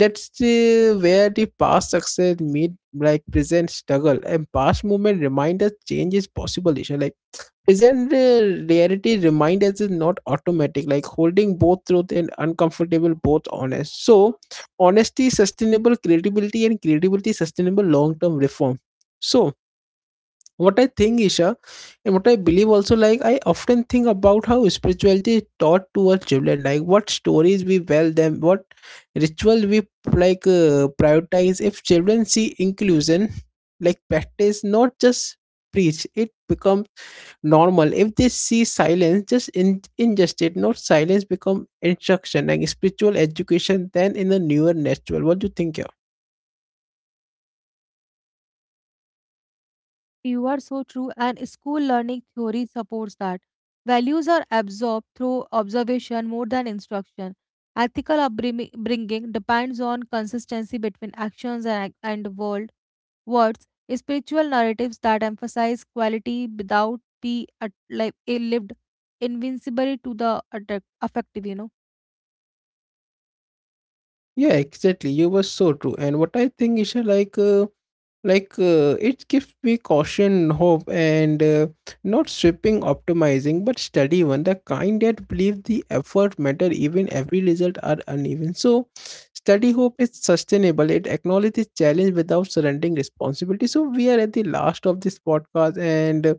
A: that's uh, where the past success meet like present struggle, and past movement remind us change is possible, Isha. Like present reality remind us is not automatic, like holding both truth and uncomfortable both honest. So honesty sustainable credibility and credibility sustainable long-term reform. So what I think, Isha, and what I believe also, like I often think about how spirituality is taught towards children, like what stories we tell them, what ritual we prioritize. If children see inclusion, like practice, not just preach, it becomes normal. If they see silence, just in injustice, not silence, become instruction, like spiritual education. Then in a newer natural. What do you think, yeah?
B: you are so true, and school learning theory supports that. Values are absorbed through observation more than instruction. Ethical upbringing bringing depends on consistency between actions and world words, spiritual narratives that emphasize quality without be at, like a lived invincibility to the affective, you know.
A: Yeah, exactly. You were so true. And what I think, Isha, like. It gives me caution hope and not stripping optimizing but steady one, the kind that believe the effort matter even every result are uneven. So steady hope is sustainable, it acknowledges challenge without surrendering responsibility. So we are at the last of this podcast and uh,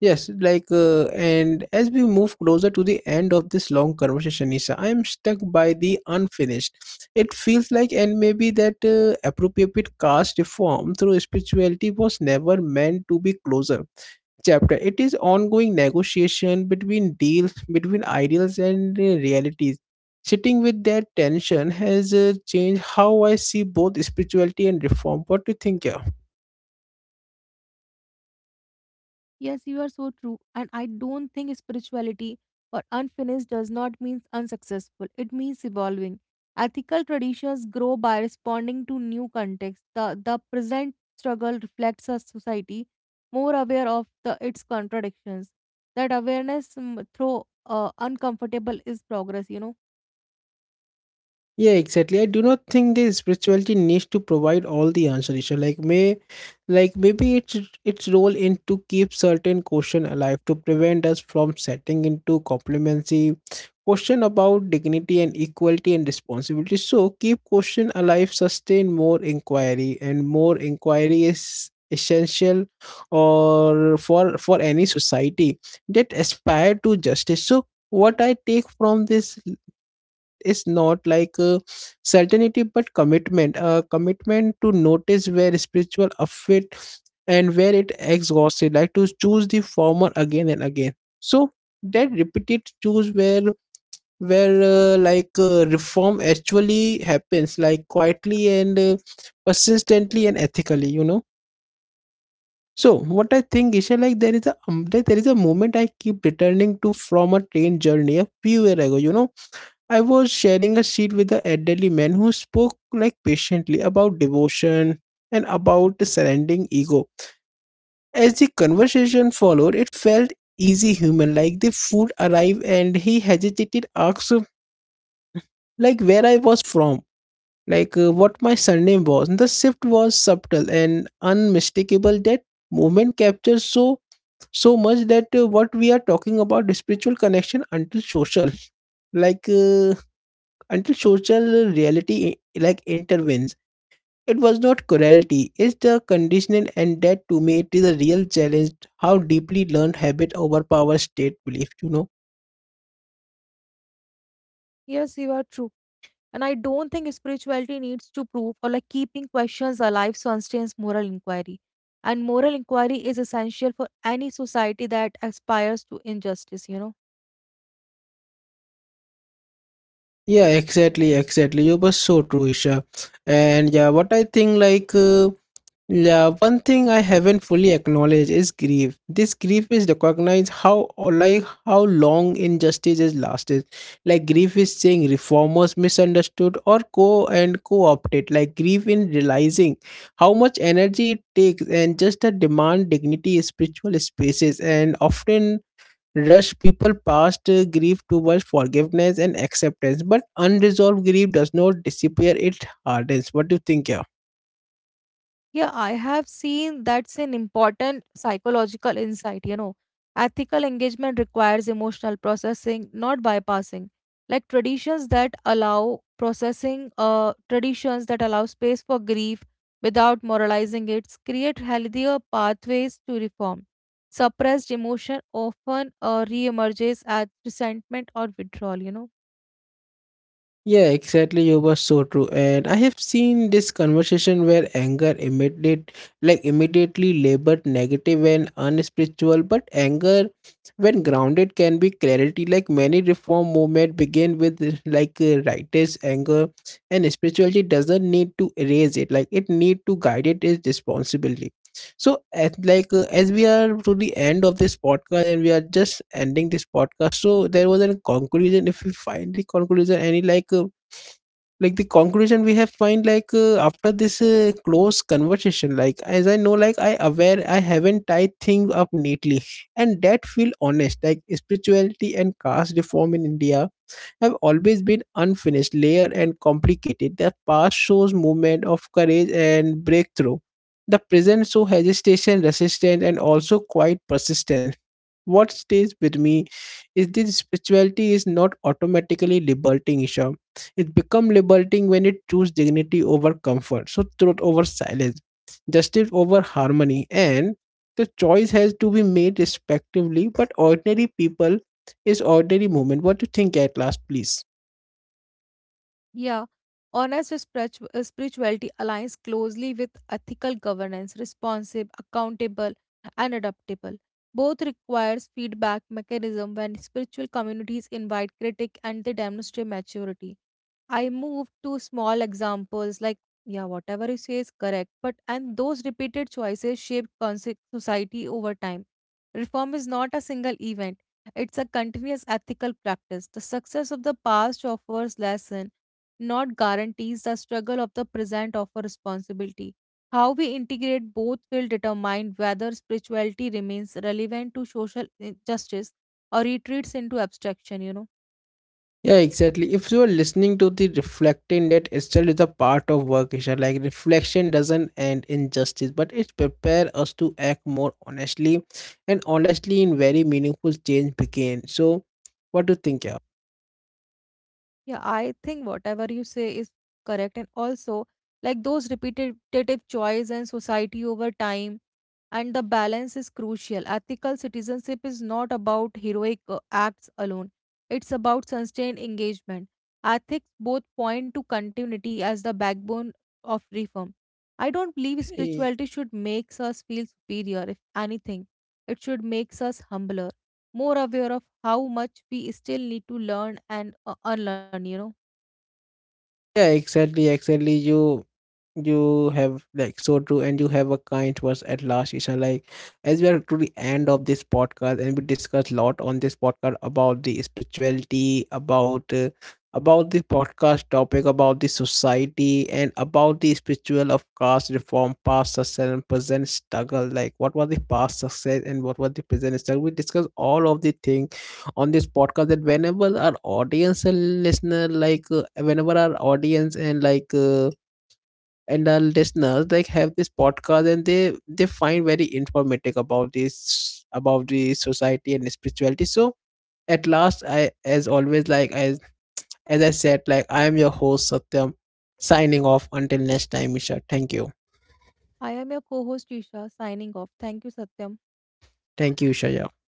A: yes like uh, and as we move closer to the end of this long conversation, Isha, I am stuck by the unfinished it feels like, and maybe that appropriate caste reform through spirituality was never meant to be closer chapter. It is ongoing negotiation between deals, between ideals and realities. Sitting with that tension has changed how I see both spirituality and reform. What do you think, yeah?
B: Yes, you are so true. And I don't think spirituality or unfinished does not mean unsuccessful. It means evolving. Ethical traditions grow by responding to new contexts. The present struggle reflects a society more aware of its contradictions. That awareness through uncomfortable is progress, you know.
A: Yeah, exactly. I do not think the spirituality needs to provide all the answer, Isha. Like maybe its role in to keep certain question alive to prevent us from setting into complacency, question about dignity and equality and responsibility. So keep question alive, sustain more inquiry, and more inquiry is essential or for any society that aspire to justice. So what I take from this is not certainty but commitment, commitment to notice where spiritual outfit and where it exhausted, like to choose the former again and again. So that repeated choose where reform actually happens, like quietly and persistently and ethically, you know. So what I think is like there is a there is a moment I keep returning to from a train journey a few year ago. You know, I was sharing a seat with an elderly man who spoke like patiently about devotion and about the surrendering ego. As the conversation followed, it felt easy human, like the food arrived and he hesitated, asked like where I was from, what my surname was. The shift was subtle and unmistakable. That moment captures so much that what we are talking about the spiritual connection until social like uh, until social reality eh, like intervenes. It was not cruelty, it's the conditioning, and that to me it is a real challenge how deeply learned habit overpower state belief, you know.
B: Yes, you are true. And I don't think spirituality needs to prove or like keeping questions alive so sustains moral inquiry. And moral inquiry is essential for any society that aspires to injustice, you know.
A: Yeah, exactly, exactly. You were so true, Isha. And yeah, what I think yeah, one thing I haven't fully acknowledged is grief. This grief is recognized how or like how long injustice has lasted. Like grief is saying reformers misunderstood or co and co-opted. Like grief in realizing how much energy it takes and just a demand dignity spiritual spaces and often rush people past grief towards forgiveness and acceptance. But unresolved grief does not disappear, it hardens. What do you think, yeah?
B: Yeah, I have seen that's an important psychological insight, you know. Ethical engagement requires emotional processing, not bypassing. Like traditions that allow processing, traditions that allow space for grief without moralizing it create healthier pathways to reform. Suppressed emotion often reemerges as resentment or withdrawal, you know.
A: Yeah, exactly. You were so true. And I have seen this conversation where anger immediately labeled negative and unspiritual, but anger when grounded can be clarity. Like many reform movement begin with righteous anger and spirituality doesn't need to erase it. Like it need to guide it is responsibility. So as we are to the end of this podcast and we are just ending this podcast. So there was a conclusion. If we find the conclusion, any the conclusion we have find after this close conversation, like as I know, like I aware I haven't tied things up neatly and that feel honest. Like spirituality and caste reform in india have always been unfinished layer and complicated. The past shows movement of courage and breakthrough, the present show hesitation resistance and also quite persistence. What stays with me is this spirituality is not automatically liberating, Isha. It becomes liberating when it chooses dignity over comfort, so truth over silence, justice over harmony, and the choice has to be made respectively. But ordinary people is ordinary movement. What do you think at last, please?
B: Yeah, honest spirituality aligns closely with ethical governance, responsive, accountable, and adaptable. Both requires feedback mechanism when spiritual communities invite critique and they demonstrate maturity. I moved to small examples like, yeah, whatever you say is correct, but and those repeated choices shaped society over time. Reform is not a single event, it's a continuous ethical practice. The success of the past offers lesson, not guarantees the struggle of the present offers responsibility. How we integrate both will determine whether spirituality remains relevant to social justice or retreats into abstraction, you know.
A: Yeah, exactly. If you are listening to the reflecting, that itself is a part of work, Isha. Like reflection doesn't end in justice, but it prepare us to act more honestly, and honestly, in very meaningful change begin. So, what do you think,
B: Yeah, I think whatever you say is correct. And also, like those repetitive choice and society over time, and the balance is crucial. Ethical citizenship is not about heroic acts alone, it's about sustained engagement. Ethics both point to continuity as the backbone of reform. I don't believe
A: yeah?
B: spirituality should make us feel superior, if anything, it should make us humbler, more aware of how much we still need to learn and unlearn, you know.
A: Yeah, exactly, exactly. You have like so true and you have a kind words at last, Ishan. Like as we are to the end of this podcast and we discuss lot on this podcast about the spirituality, about the podcast topic, about the society and about the spiritual of caste reform, past success and present struggle. Like what was the past success and what was the present struggle. We discuss all of the thing on this podcast that whenever our audience and listener whenever our audience and our listeners like have this podcast and they find very informative about this, about the society and spirituality. So at last, I as always, as I said, like I am your host Satyam, signing off until next time. Isha, thank you.
B: I am your co host Isha signing off. Thank you, Satyam.
A: Thank you, Isha, yeah.